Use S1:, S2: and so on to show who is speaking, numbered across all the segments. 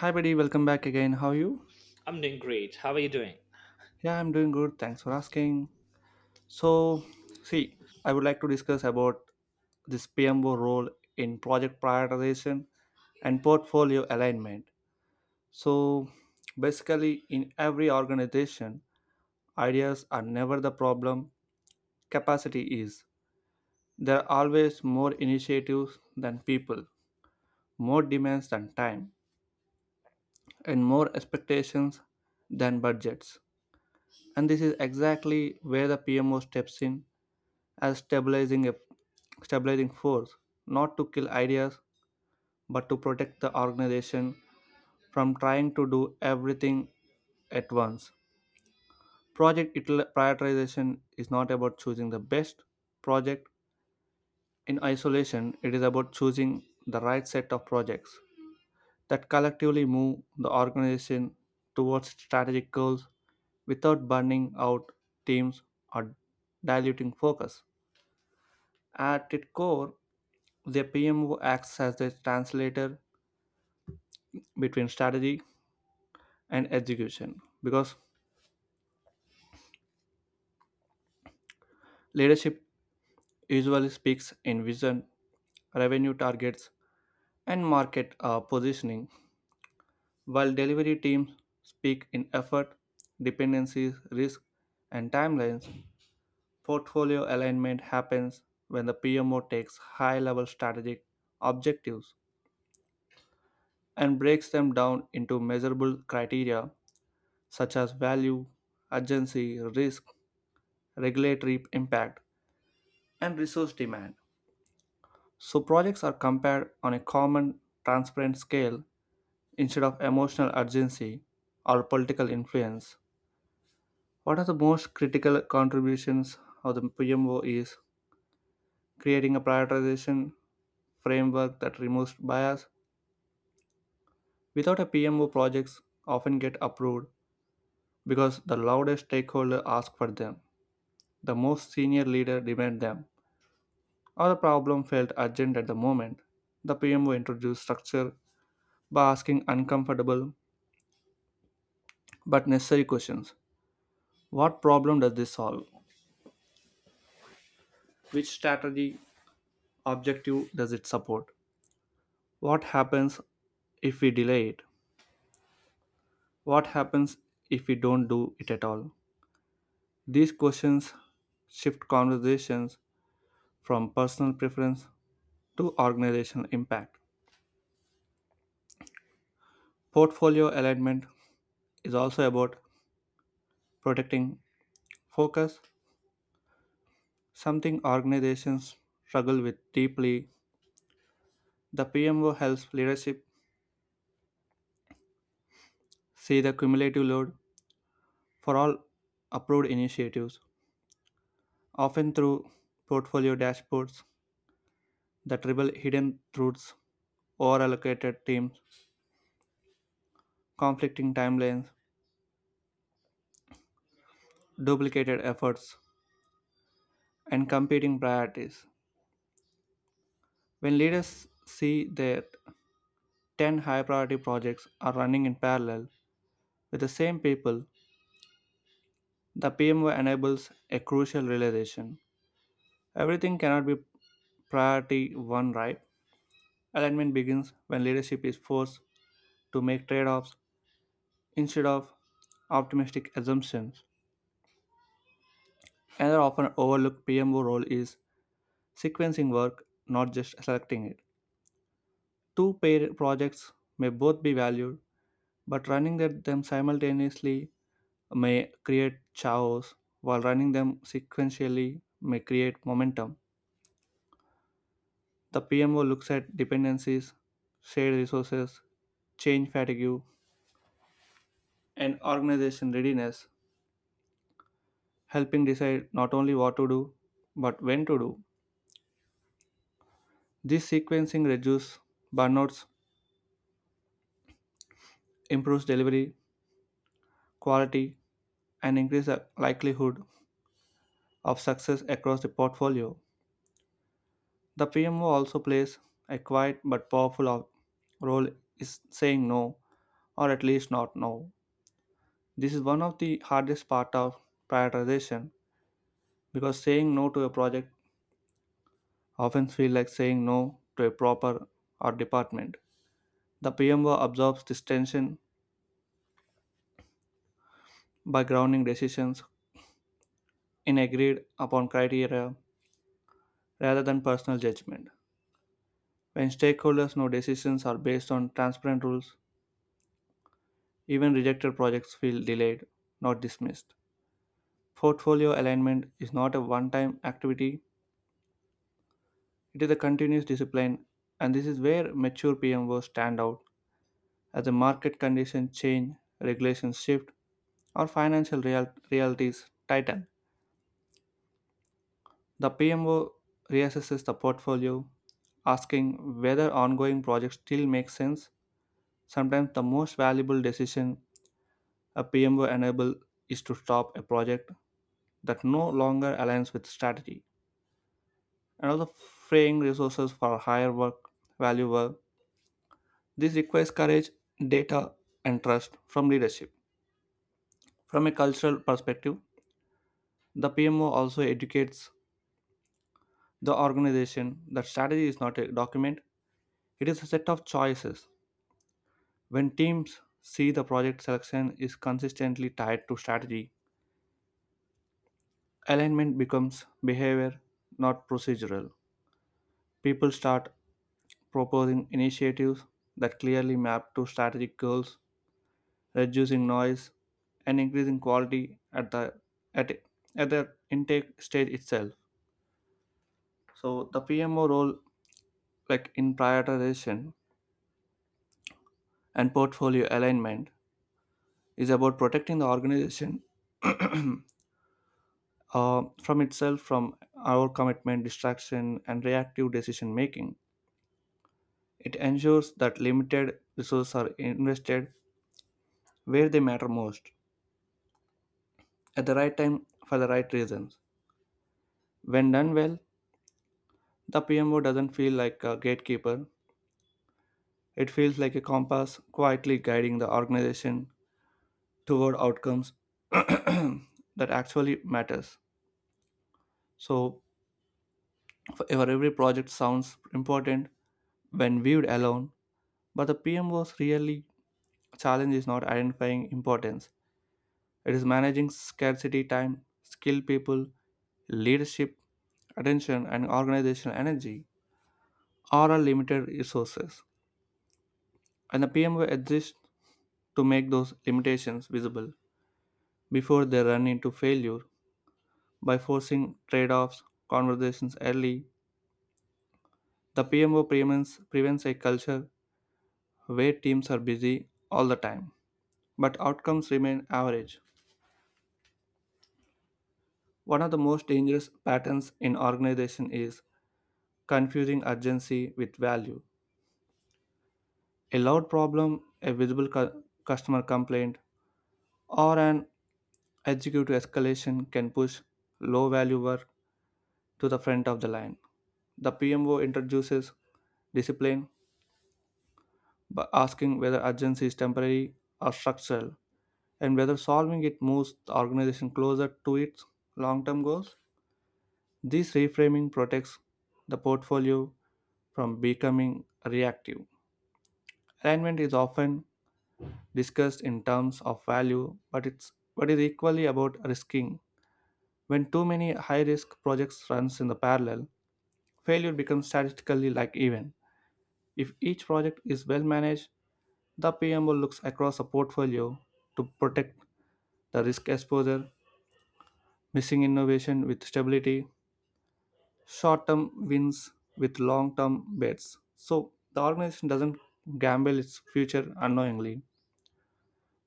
S1: Hi, buddy. Welcome back again. How are you?
S2: I'm doing great. How are you doing?
S1: Yeah, I'm doing good. Thanks for asking. So, see, I would like to discuss about this PMO role in project prioritization and portfolio alignment. So, basically, in every organization, ideas are never the problem, capacity is. There are always more initiatives than people, more demands than time, and more expectations than budgets. And this is exactly where the PMO steps in as stabilizing force, not to kill ideas but to protect the organization from trying to do everything at once. Prioritization is not about choosing the best project in isolation. It is about choosing the right set of projects that collectively move the organization towards strategic goals without burning out teams or diluting focus. At its core, the PMO acts as a translator between strategy and execution, because leadership usually speaks in vision, revenue targets, and market positioning, while delivery teams speak in effort, dependencies, risk, and timelines. Portfolio alignment happens when the PMO takes high level strategic objectives and breaks them down into measurable criteria such as value, urgency, risk, regulatory impact, and resource demand. So projects are compared on a common, transparent scale instead of emotional urgency or political influence. What are the most critical contributions of the PMO is creating a prioritization framework that removes bias. Without a PMO, projects often get approved because the loudest stakeholder asks for them, the most senior leader demand them, our problem felt urgent at the moment. The PMO introduced structure by asking uncomfortable but necessary questions. What problem does this solve? Which strategy objective does it support? What happens if we delay it? What happens if we don't do it at all? These questions shift conversations from personal preference to organizational impact. Portfolio alignment is also about protecting focus, something organizations struggle with deeply. The PMO helps leadership see the cumulative load for all approved initiatives, often through portfolio dashboards, the triple hidden truths, overallocated teams, conflicting timelines, duplicated efforts, and competing priorities. When leaders see that 10 high priority projects are running in parallel with the same people, the PMO enables a crucial realization. Everything cannot be Priority 1, right? Alignment begins when leadership is forced to make trade offs instead of optimistic assumptions. Another often overlooked PMO role is sequencing work, not just selecting it. Two pair projects may both be valued, but running them simultaneously may create chaos, while running them sequentially may create momentum. The PMO looks at dependencies, shared resources, change fatigue, and organization readiness, helping decide not only what to do but when to do. This sequencing reduces burnouts, improves delivery quality, and increases the likelihood of success across the portfolio. The PMO also plays a quiet but powerful role is saying no or at least not no. This is one of the hardest part of prioritization, because saying no to a project often feels like saying no to a proper or department. The PMO absorbs this tension by grounding decisions in agreed upon criteria rather than personal judgment. When stakeholders know decisions are based on transparent rules, even rejected projects feel delayed, not dismissed. Portfolio alignment is not a one time activity, it is a continuous discipline, and this is where mature PMOs stand out as the market conditions change, regulations shift, or realities tighten. The PMO reassesses the portfolio, asking whether ongoing projects still make sense. Sometimes the most valuable decision a PMO enable is to stop a project that no longer aligns with strategy and also freeing resources for higher work value work. This requires courage, data, and trust from leadership. From a cultural perspective, the PMO also educates the organization that strategy is not a document, it is a set of choices. When teams see the project selection is consistently tied to strategy, alignment becomes behavior, not procedural. People start proposing initiatives that clearly map to strategic goals, reducing noise and increasing quality at, at the intake stage itself. So the PMO role like in prioritization and portfolio alignment is about protecting the organization from itself, from our commitment, distraction, and reactive decision making. It ensures that limited resources are invested where they matter most, at the right time for the right reasons. When done well, the PMO doesn't feel like a gatekeeper, it feels like a compass quietly guiding the organization toward outcomes that actually matters. So, for every project sounds important when viewed alone, but the PMOs really challenge is not identifying importance, it is managing scarcity, time, skilled people, leadership attention and organizational energy are our limited resources, and the pmo exists to make those limitations visible before they run into failure. By forcing trade-offs conversations early, the pmo prevents a culture where teams are busy all the time but outcomes remain average. One of the most dangerous patterns in organization is confusing urgency with value. A loud problem, a visible customer complaint, or an executive escalation can push low value work to the front of the line. The PMO introduces discipline by asking whether urgency is temporary or structural, and whether solving it moves the organization closer to its long term goals. This reframing protects the portfolio from becoming reactive. Alignment is often discussed in terms of value, but it's but is equally about risking. When too many high-risk projects runs in the parallel, failure becomes statistically like even. If each project is well managed, the PMO looks across a portfolio to protect the risk exposure, missing innovation with stability, short term wins with long term bets. So the organization doesn't gamble its future unknowingly.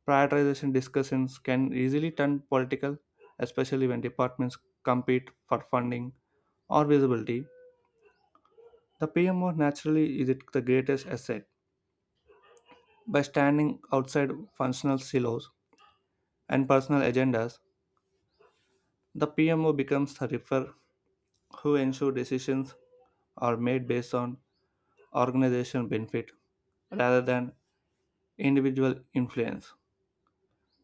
S1: Prioritization discussions can easily turn political, especially when departments compete for funding or visibility. The PMO naturally is it the greatest asset. By standing outside functional silos and personal agendas, the PMO becomes the refer who ensure decisions are made based on organizational benefit rather than individual influence.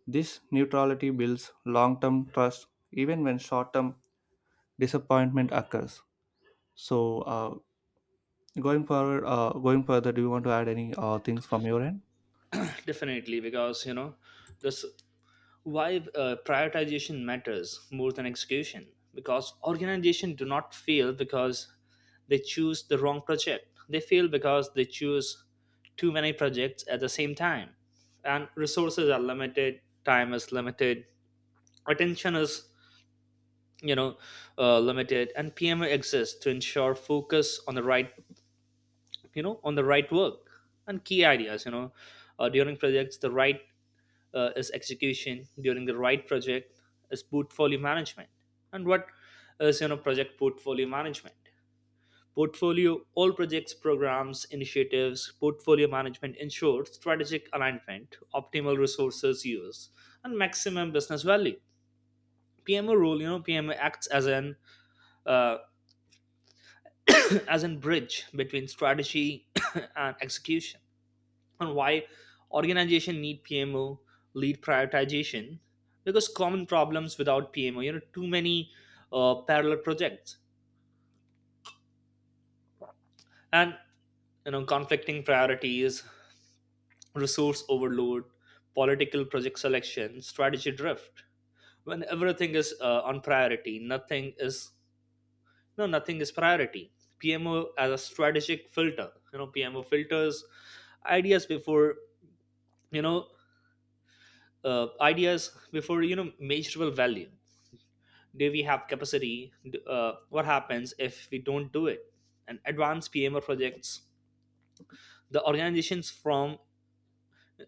S1: This neutrality builds long term trust even when short term disappointment occurs. So, uh, Going further, do you want to add any things from your end?
S2: Definitely, because this why prioritization matters more than execution. Because organization do not fail because they choose the wrong project. They fail because they choose too many projects at the same time, and resources are limited. Time is limited. Attention is you know limited, and PMO exists to ensure focus on the right on the right work and key ideas during projects the right is execution during the right project is portfolio management. And what is, project portfolio management, portfolio, all projects, programs, initiatives. Portfolio management ensures strategic alignment, optimal resources use, and maximum business value. PMO role, PMO acts as an uh, as an bridge between strategy and execution. And why organization need PMO lead prioritization, because common problems without PMO, too many parallel projects, and, conflicting priorities, resource overload, political project selection, strategy drift. When everything is on priority, nothing is, no nothing is priority. PMO as a strategic filter, PMO filters ideas before, you know measurable value, do we have capacity, what happens if we don't do it. And advanced PMO projects the organizations from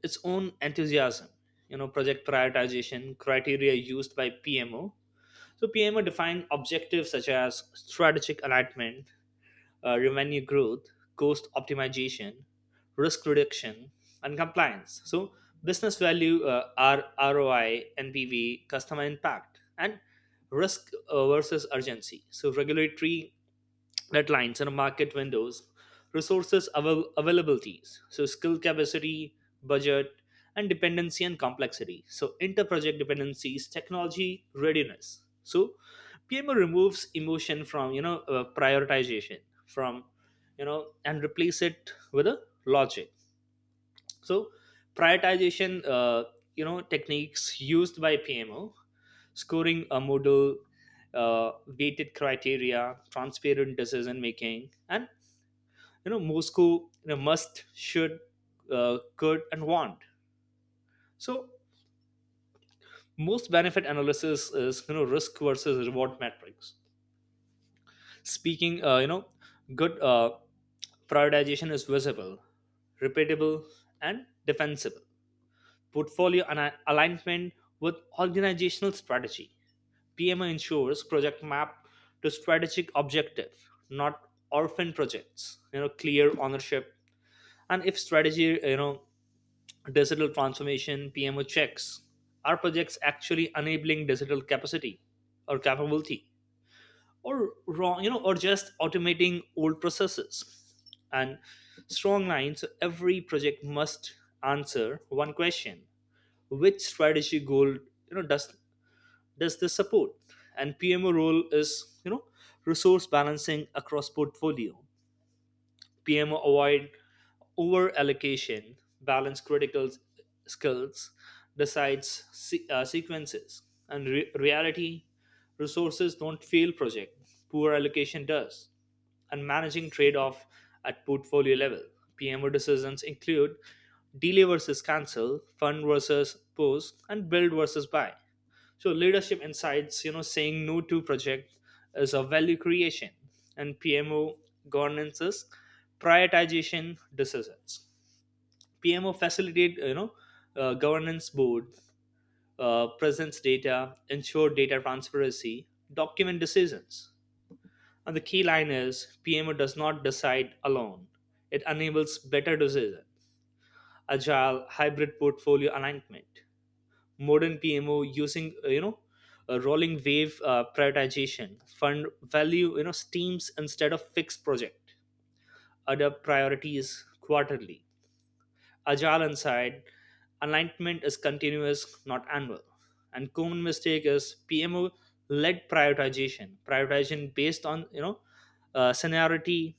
S2: its own enthusiasm. Project prioritization criteria used by PMO. So PMO defined objectives such as strategic alignment, revenue growth, cost optimization, risk reduction, and compliance. So, business value, ROI, NPV, customer impact, and risk versus urgency. So, regulatory deadlines and market windows, availabilities, so skill capacity, budget, and dependency and complexity. So interproject dependencies, technology readiness. So PMO removes emotion from prioritization, from you know and replace it with a logic. So prioritization, techniques used by PMO, scoring a model, uh, weighted criteria, transparent decision making, and, Moscow, must, should, could, and want. So most benefit analysis is, risk versus reward metrics. Speaking, good prioritization is visible, repeatable, and defensible. Portfolio and alignment with organizational strategy. PMO ensures project map to strategic objective, not orphan projects. You know, clear ownership. And if strategy, you know, digital transformation, PMO checks are projects actually enabling digital capacity or capability, or wrong, you know, or just automating old processes. And strong lines. So every project must answer one question: which strategic goal, does this support. And PMO role is, resource balancing across portfolio. PMO avoid over allocation, balance skills, decides sequences, and reality, resources don't fail project. Poor allocation does. And managing trade-off at portfolio level, PMO decisions include delay versus cancel, fund versus post, and build versus buy. So leadership insights, you know, saying no to project is a value creation. And PMO governances, prioritization decisions. PMO facilitate, governance board, presents data, ensure data transparency, document decisions. And the key line is, PMO does not decide alone. It enables better decision, agile hybrid portfolio alignment. Modern PMO using, a rolling wave prioritization, fund value, streams instead of fixed project, adapt priorities quarterly, agile inside, alignment is continuous, not annual. And common mistake is PMO led prioritization, prioritization based on, seniority,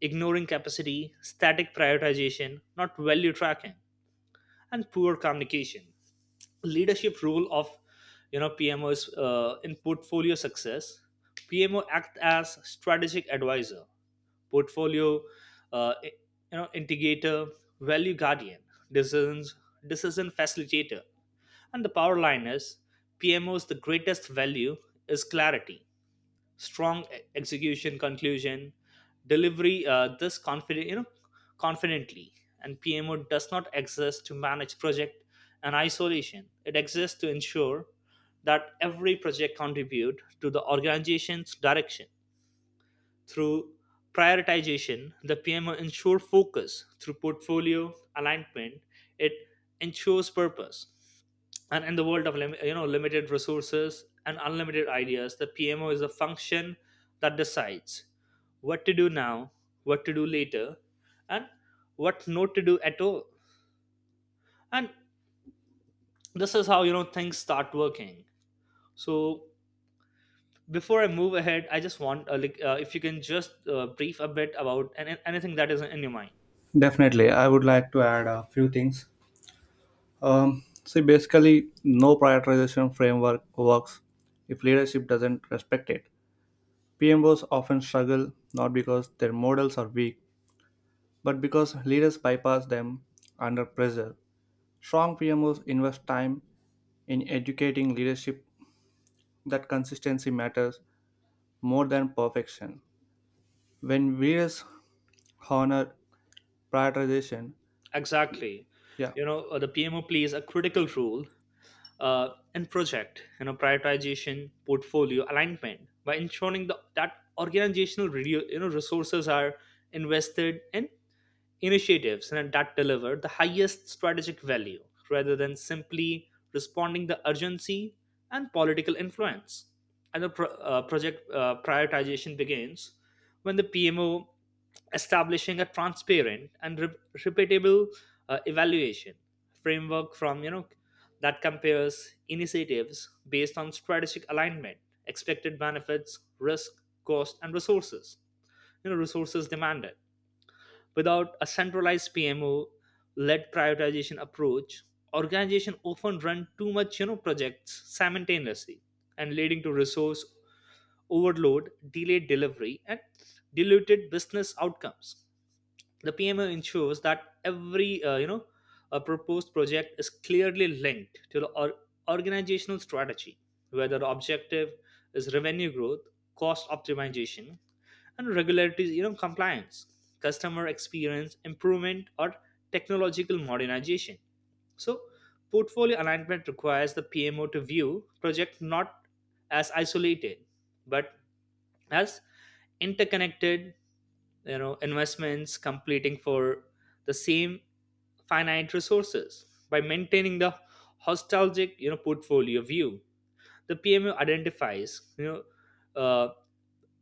S2: ignoring capacity, static prioritization, not value tracking, and poor communication. Leadership role of, PMOs in portfolio success. PMO act as strategic advisor, portfolio integrator, value guardian, decisions decision facilitator. And the power line is, PMO's the greatest value is clarity, strong execution, conclusion delivery this confident, confidently. And PMO does not exist to manage project and isolation, it exists to ensure that every project contribute to the organization's direction. Through prioritization, the PMO ensure focus. Through portfolio alignment, it ensures purpose. And in the world of limited resources and unlimited ideas, the PMO is a function that decides what to do now, what to do later, and what not to do at all. And this is how, you know, things start working. So before I move ahead, I just want, if you can just brief a bit about anything that is in your mind.
S1: Definitely, I would like to add a few things. See, basically, no prioritization framework works if leadership doesn't respect it. PMOs often struggle not because their models are weak, but because leaders bypass them under pressure. Strong PMOs invest time in educating leadership that consistency matters more than perfection. When leaders honor prioritization.
S2: Exactly.
S1: Yeah.
S2: You know, the PMO plays a critical role and project, you know, prioritization portfolio alignment by ensuring that organizational resources are invested in initiatives and that deliver the highest strategic value rather than simply responding the urgency and political influence. And project prioritization begins when the PMO establishing a transparent and repeatable evaluation framework from, that compares initiatives based on strategic alignment, expected benefits, risk, cost, and resources, resources demanded. Without a centralized PMO led prioritization approach, organizations often run too much, projects simultaneously, and leading to resource overload, delayed delivery, and diluted business outcomes. The PMO ensures that every, a proposed project is clearly linked to the organizational strategy, whether the objective is revenue growth, cost optimization, and regulatory, compliance, customer experience improvement, or technological modernization. So, portfolio alignment requires the PMO to view project not as isolated, but as interconnected, investments completing for the same finite resources. By maintaining the nostalgic, portfolio view, the pmu identifies,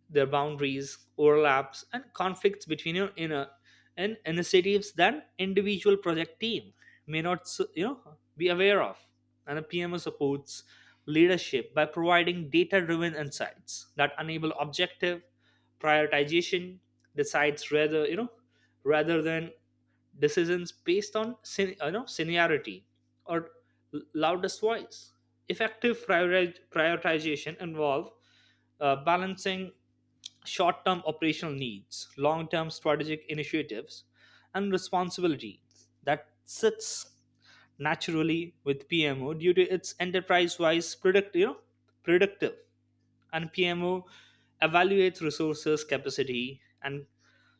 S2: their boundaries, overlaps, and conflicts between your inner and initiatives that individual project team may not s- you know be aware of. And a PMO supports leadership by providing data-driven insights that enable objective prioritization, decides rather you know rather than decisions based on seniority or loudest voice. Effective prioritization involve balancing short term operational needs, long term strategic initiatives, and responsibility that sits naturally with PMO due to its enterprise wise predictive. And PMO evaluates resources, capacity, and,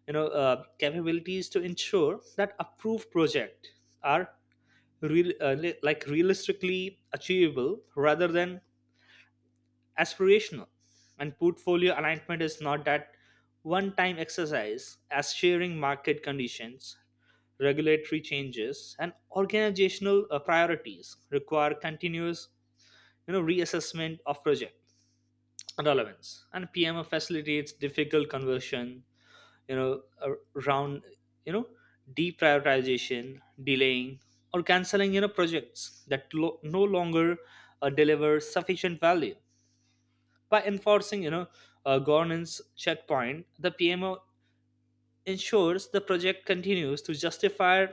S2: capabilities to ensure that approved project are realistically achievable rather than aspirational. And portfolio alignment is not that one time exercise, as sharing market conditions, regulatory changes, and organizational priorities require continuous, reassessment of project relevance. And PMO facilitates difficult conversion, around, you know deprioritization, delaying, or canceling, projects that no longer deliver sufficient value. By enforcing, you know, a governance checkpoint, the PMO ensures the project continues to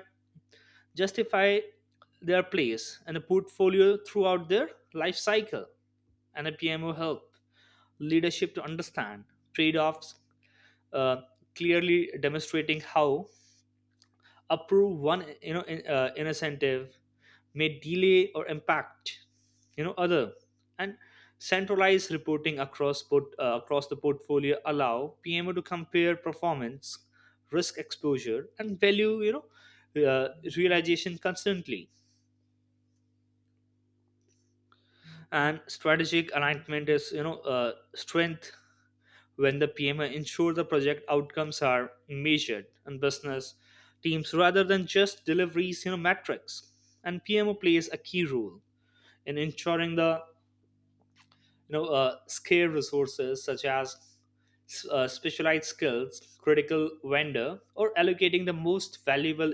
S2: justify their place and a portfolio throughout their life cycle. And a PMO help leadership to understand trade-offs, uh, clearly demonstrating how approve one, incentive may delay or impact, other. And centralized reporting across across the portfolio allow PMO to compare performance, risk exposure, and value, uh, realization constantly. And strategic alignment is, strength when the PMO ensure the project outcomes are measured and business teams rather than just deliveries, metrics. And PMO plays a key role in ensuring the, scarce resources such as, specialized skills, critical vendor, or allocating the most valuable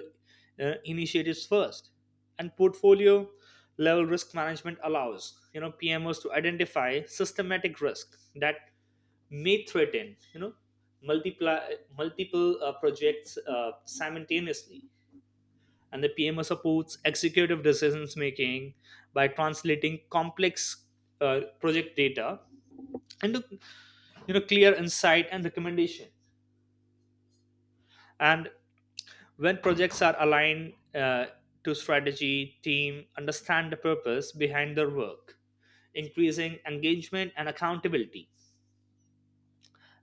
S2: initiatives first. And portfolio level risk management allows, PMOs to identify systematic risk that may threaten, multiply multiple projects simultaneously. And the PMO supports executive decisions making by translating complex project data and to, clear insight and recommendation. And when projects are aligned to strategy, team understand the purpose behind their work, increasing engagement and accountability.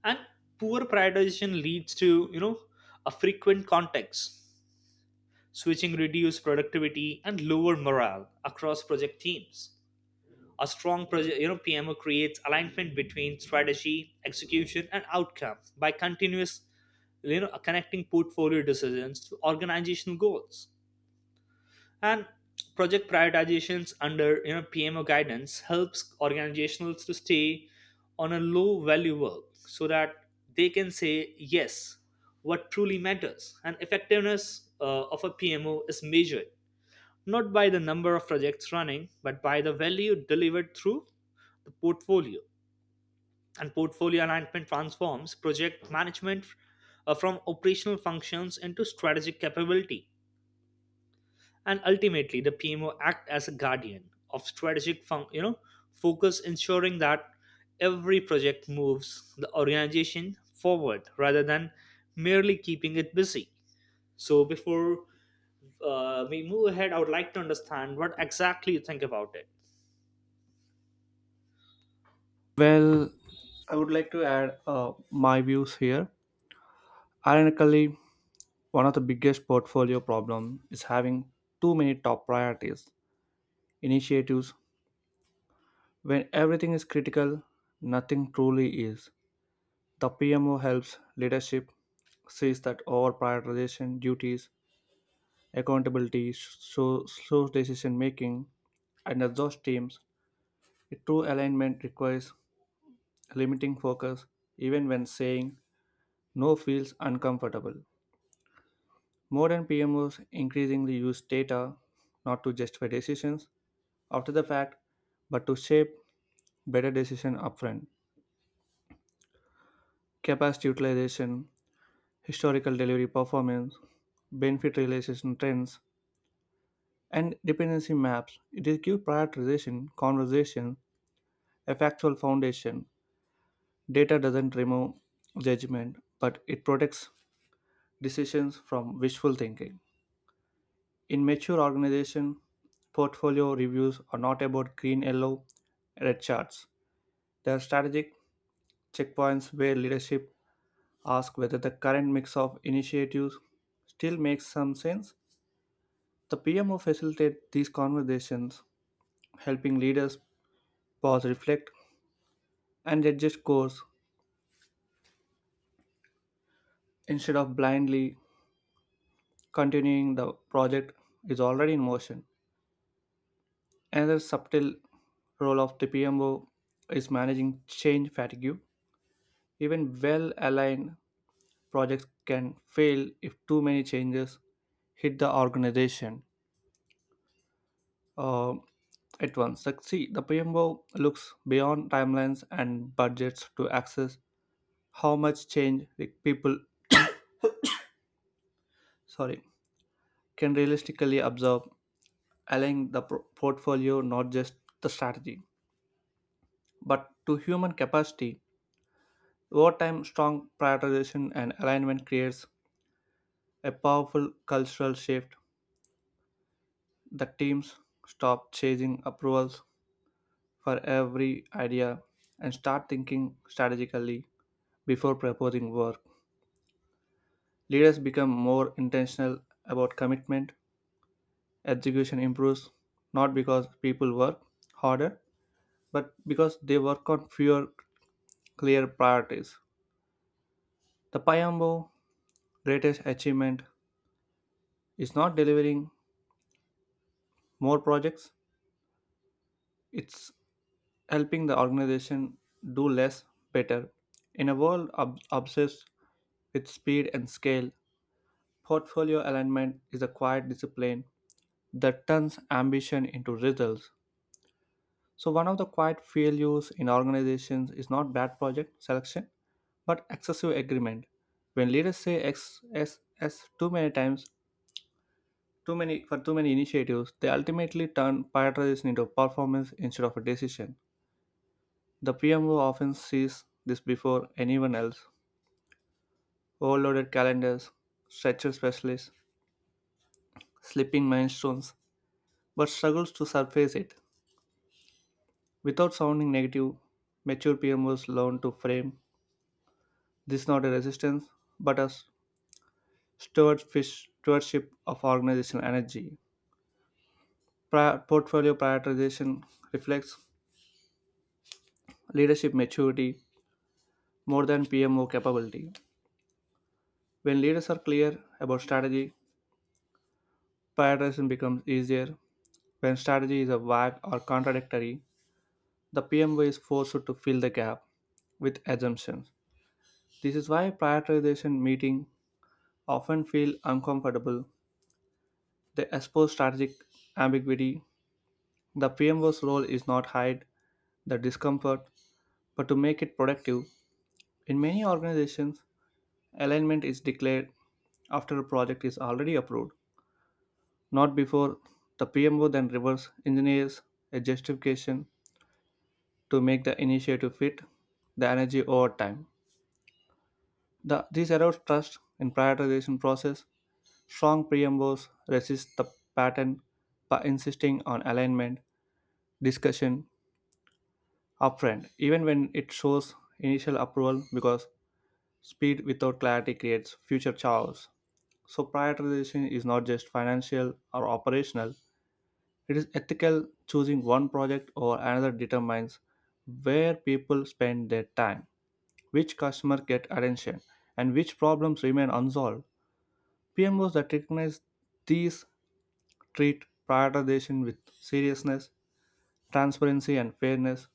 S2: And poor prioritization leads to, a frequent context switching, reduced productivity, and lower morale across project teams. A strong project, you know, PMO creates alignment between strategy, execution, and outcome by continuous, you know, connecting portfolio decisions to organizational goals. And project prioritizations under, PMO guidance helps organizations to stay on a low value work so that they can say yes what truly matters. And effectiveness of a PMO is measured not by the number of projects running, but by the value delivered through the portfolio. And portfolio alignment transforms project management from operational functions into strategic capability. And ultimately, the PMO act as a guardian of strategic, fun- you know, focus, ensuring that every project moves the organization forward rather than merely keeping it busy. So before we move ahead, I would like to understand what exactly you think about it.
S1: Well, I would like to add my views here. Ironically, one of the biggest portfolio problem is having too many top priorities initiatives. When everything is critical, nothing truly is. The PMO helps leadership sees that over prioritization duties, accountability, so slow decision making, and exhaust teams. A true alignment requires limiting focus, even when saying no feels uncomfortable. Modern PMOs increasingly use data not to justify decisions after the fact, but to shape better decision upfront. Capacity utilization, historical delivery performance, benefit realization trends, and dependency maps. It is give prioritization, conversation, a factual foundation. Data doesn't remove judgment, but it protects decisions from wishful thinking. In mature organization, portfolio reviews are not about green, yellow, red charts. They are strategic checkpoints where leadership asks whether the current mix of initiatives still makes some sense. The PMO facilitates these conversations, helping leaders pause, reflect, and adjust course instead of blindly continuing the project is already in motion. Another subtle role of the PMO is managing change fatigue. Even well aligned projects can fail if too many changes hit the organization uh, at once. Succeed. The PMO looks beyond timelines and budgets to access how much change the people sorry can realistically absorb, aligning the portfolio not just the strategy but to human capacity. Over time, strong prioritization and alignment creates a powerful cultural shift. The teams stop chasing approvals for every idea and start thinking strategically before proposing work. Leaders become more intentional about commitment. Execution improves not because people work harder, but because they work on fewer clear priorities. The Payambo greatest achievement is not delivering more projects, it's helping the organization do less better. In a world obsessed with speed and scale, portfolio alignment is a quiet discipline that turns ambition into results. So, one of the quiet failures in organizations is not bad project selection, but excessive agreement. When leaders say X, S, S too many times, too many for too many initiatives, they ultimately turn prioritization into performance instead of a decision. The PMO often sees this before anyone else. Overloaded calendars, stretcher specialists, slipping milestones, but struggles to surface it. Without sounding negative, mature PMOs learn to frame this not a resistance, but a stewardship of organizational energy. Portfolio prioritization reflects leadership maturity more than PMO capability. When leaders are clear about strategy, prioritization becomes easier. When strategy is a vague or contradictory, the PMO is forced to fill the gap with assumptions. This is why prioritization meeting often feel uncomfortable. They expose strategic ambiguity. The PMO's role is not hide the discomfort, but to make it productive. In many organizations, alignment is declared after a project is already approved, not before the PMO then reverse engineers a justification to make the initiative fit the energy over time. This erodes trust in prioritization process. Strong PMOs resist the pattern by insisting on alignment discussion upfront, even when it shows initial approval, because speed without clarity creates future chaos. So, prioritization is not just financial or operational, it is ethical. Choosing one project over another determines where people spend their time, which customers get attention, and which problems remain unsolved. PMOs that recognize these treat prioritization with seriousness, transparency, and fairness.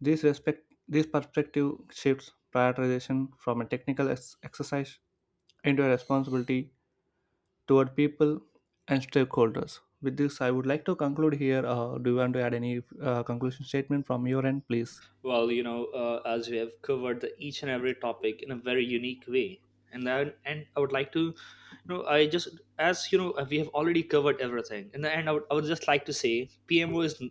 S1: These respect these perspective shifts prioritization from a exercise into a responsibility toward people and stakeholders. With this, I would like to conclude here. Do you want to add any conclusion statement from your end, please?
S2: Well, as we have covered the each and every topic in a very unique way, and I would like to, you know, I just as you know we have already covered everything. In the end, I would just like to say PMO is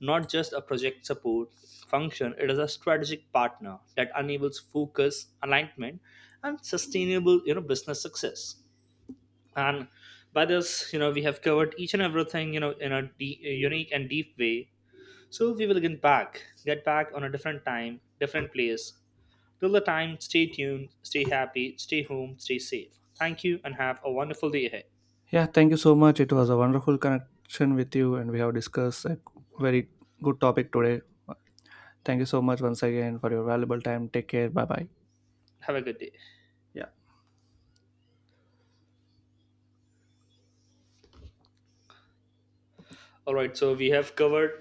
S2: not just a project support function; it is a strategic partner that enables focus, alignment, and sustainable, business success. And by this, you know, we have covered each and everything, you know, in a, a unique and deep way. So we will get back on a different time, different place. Till the time, stay tuned, stay happy, stay home, stay safe. Thank you, and have a wonderful day ahead.
S1: Yeah, thank you so much. It was a wonderful connection with you, and we have discussed a very good topic today. Thank you so much once again for your valuable time. Take care. Bye bye.
S2: Have a good day.
S1: Yeah.
S2: All right, so we have covered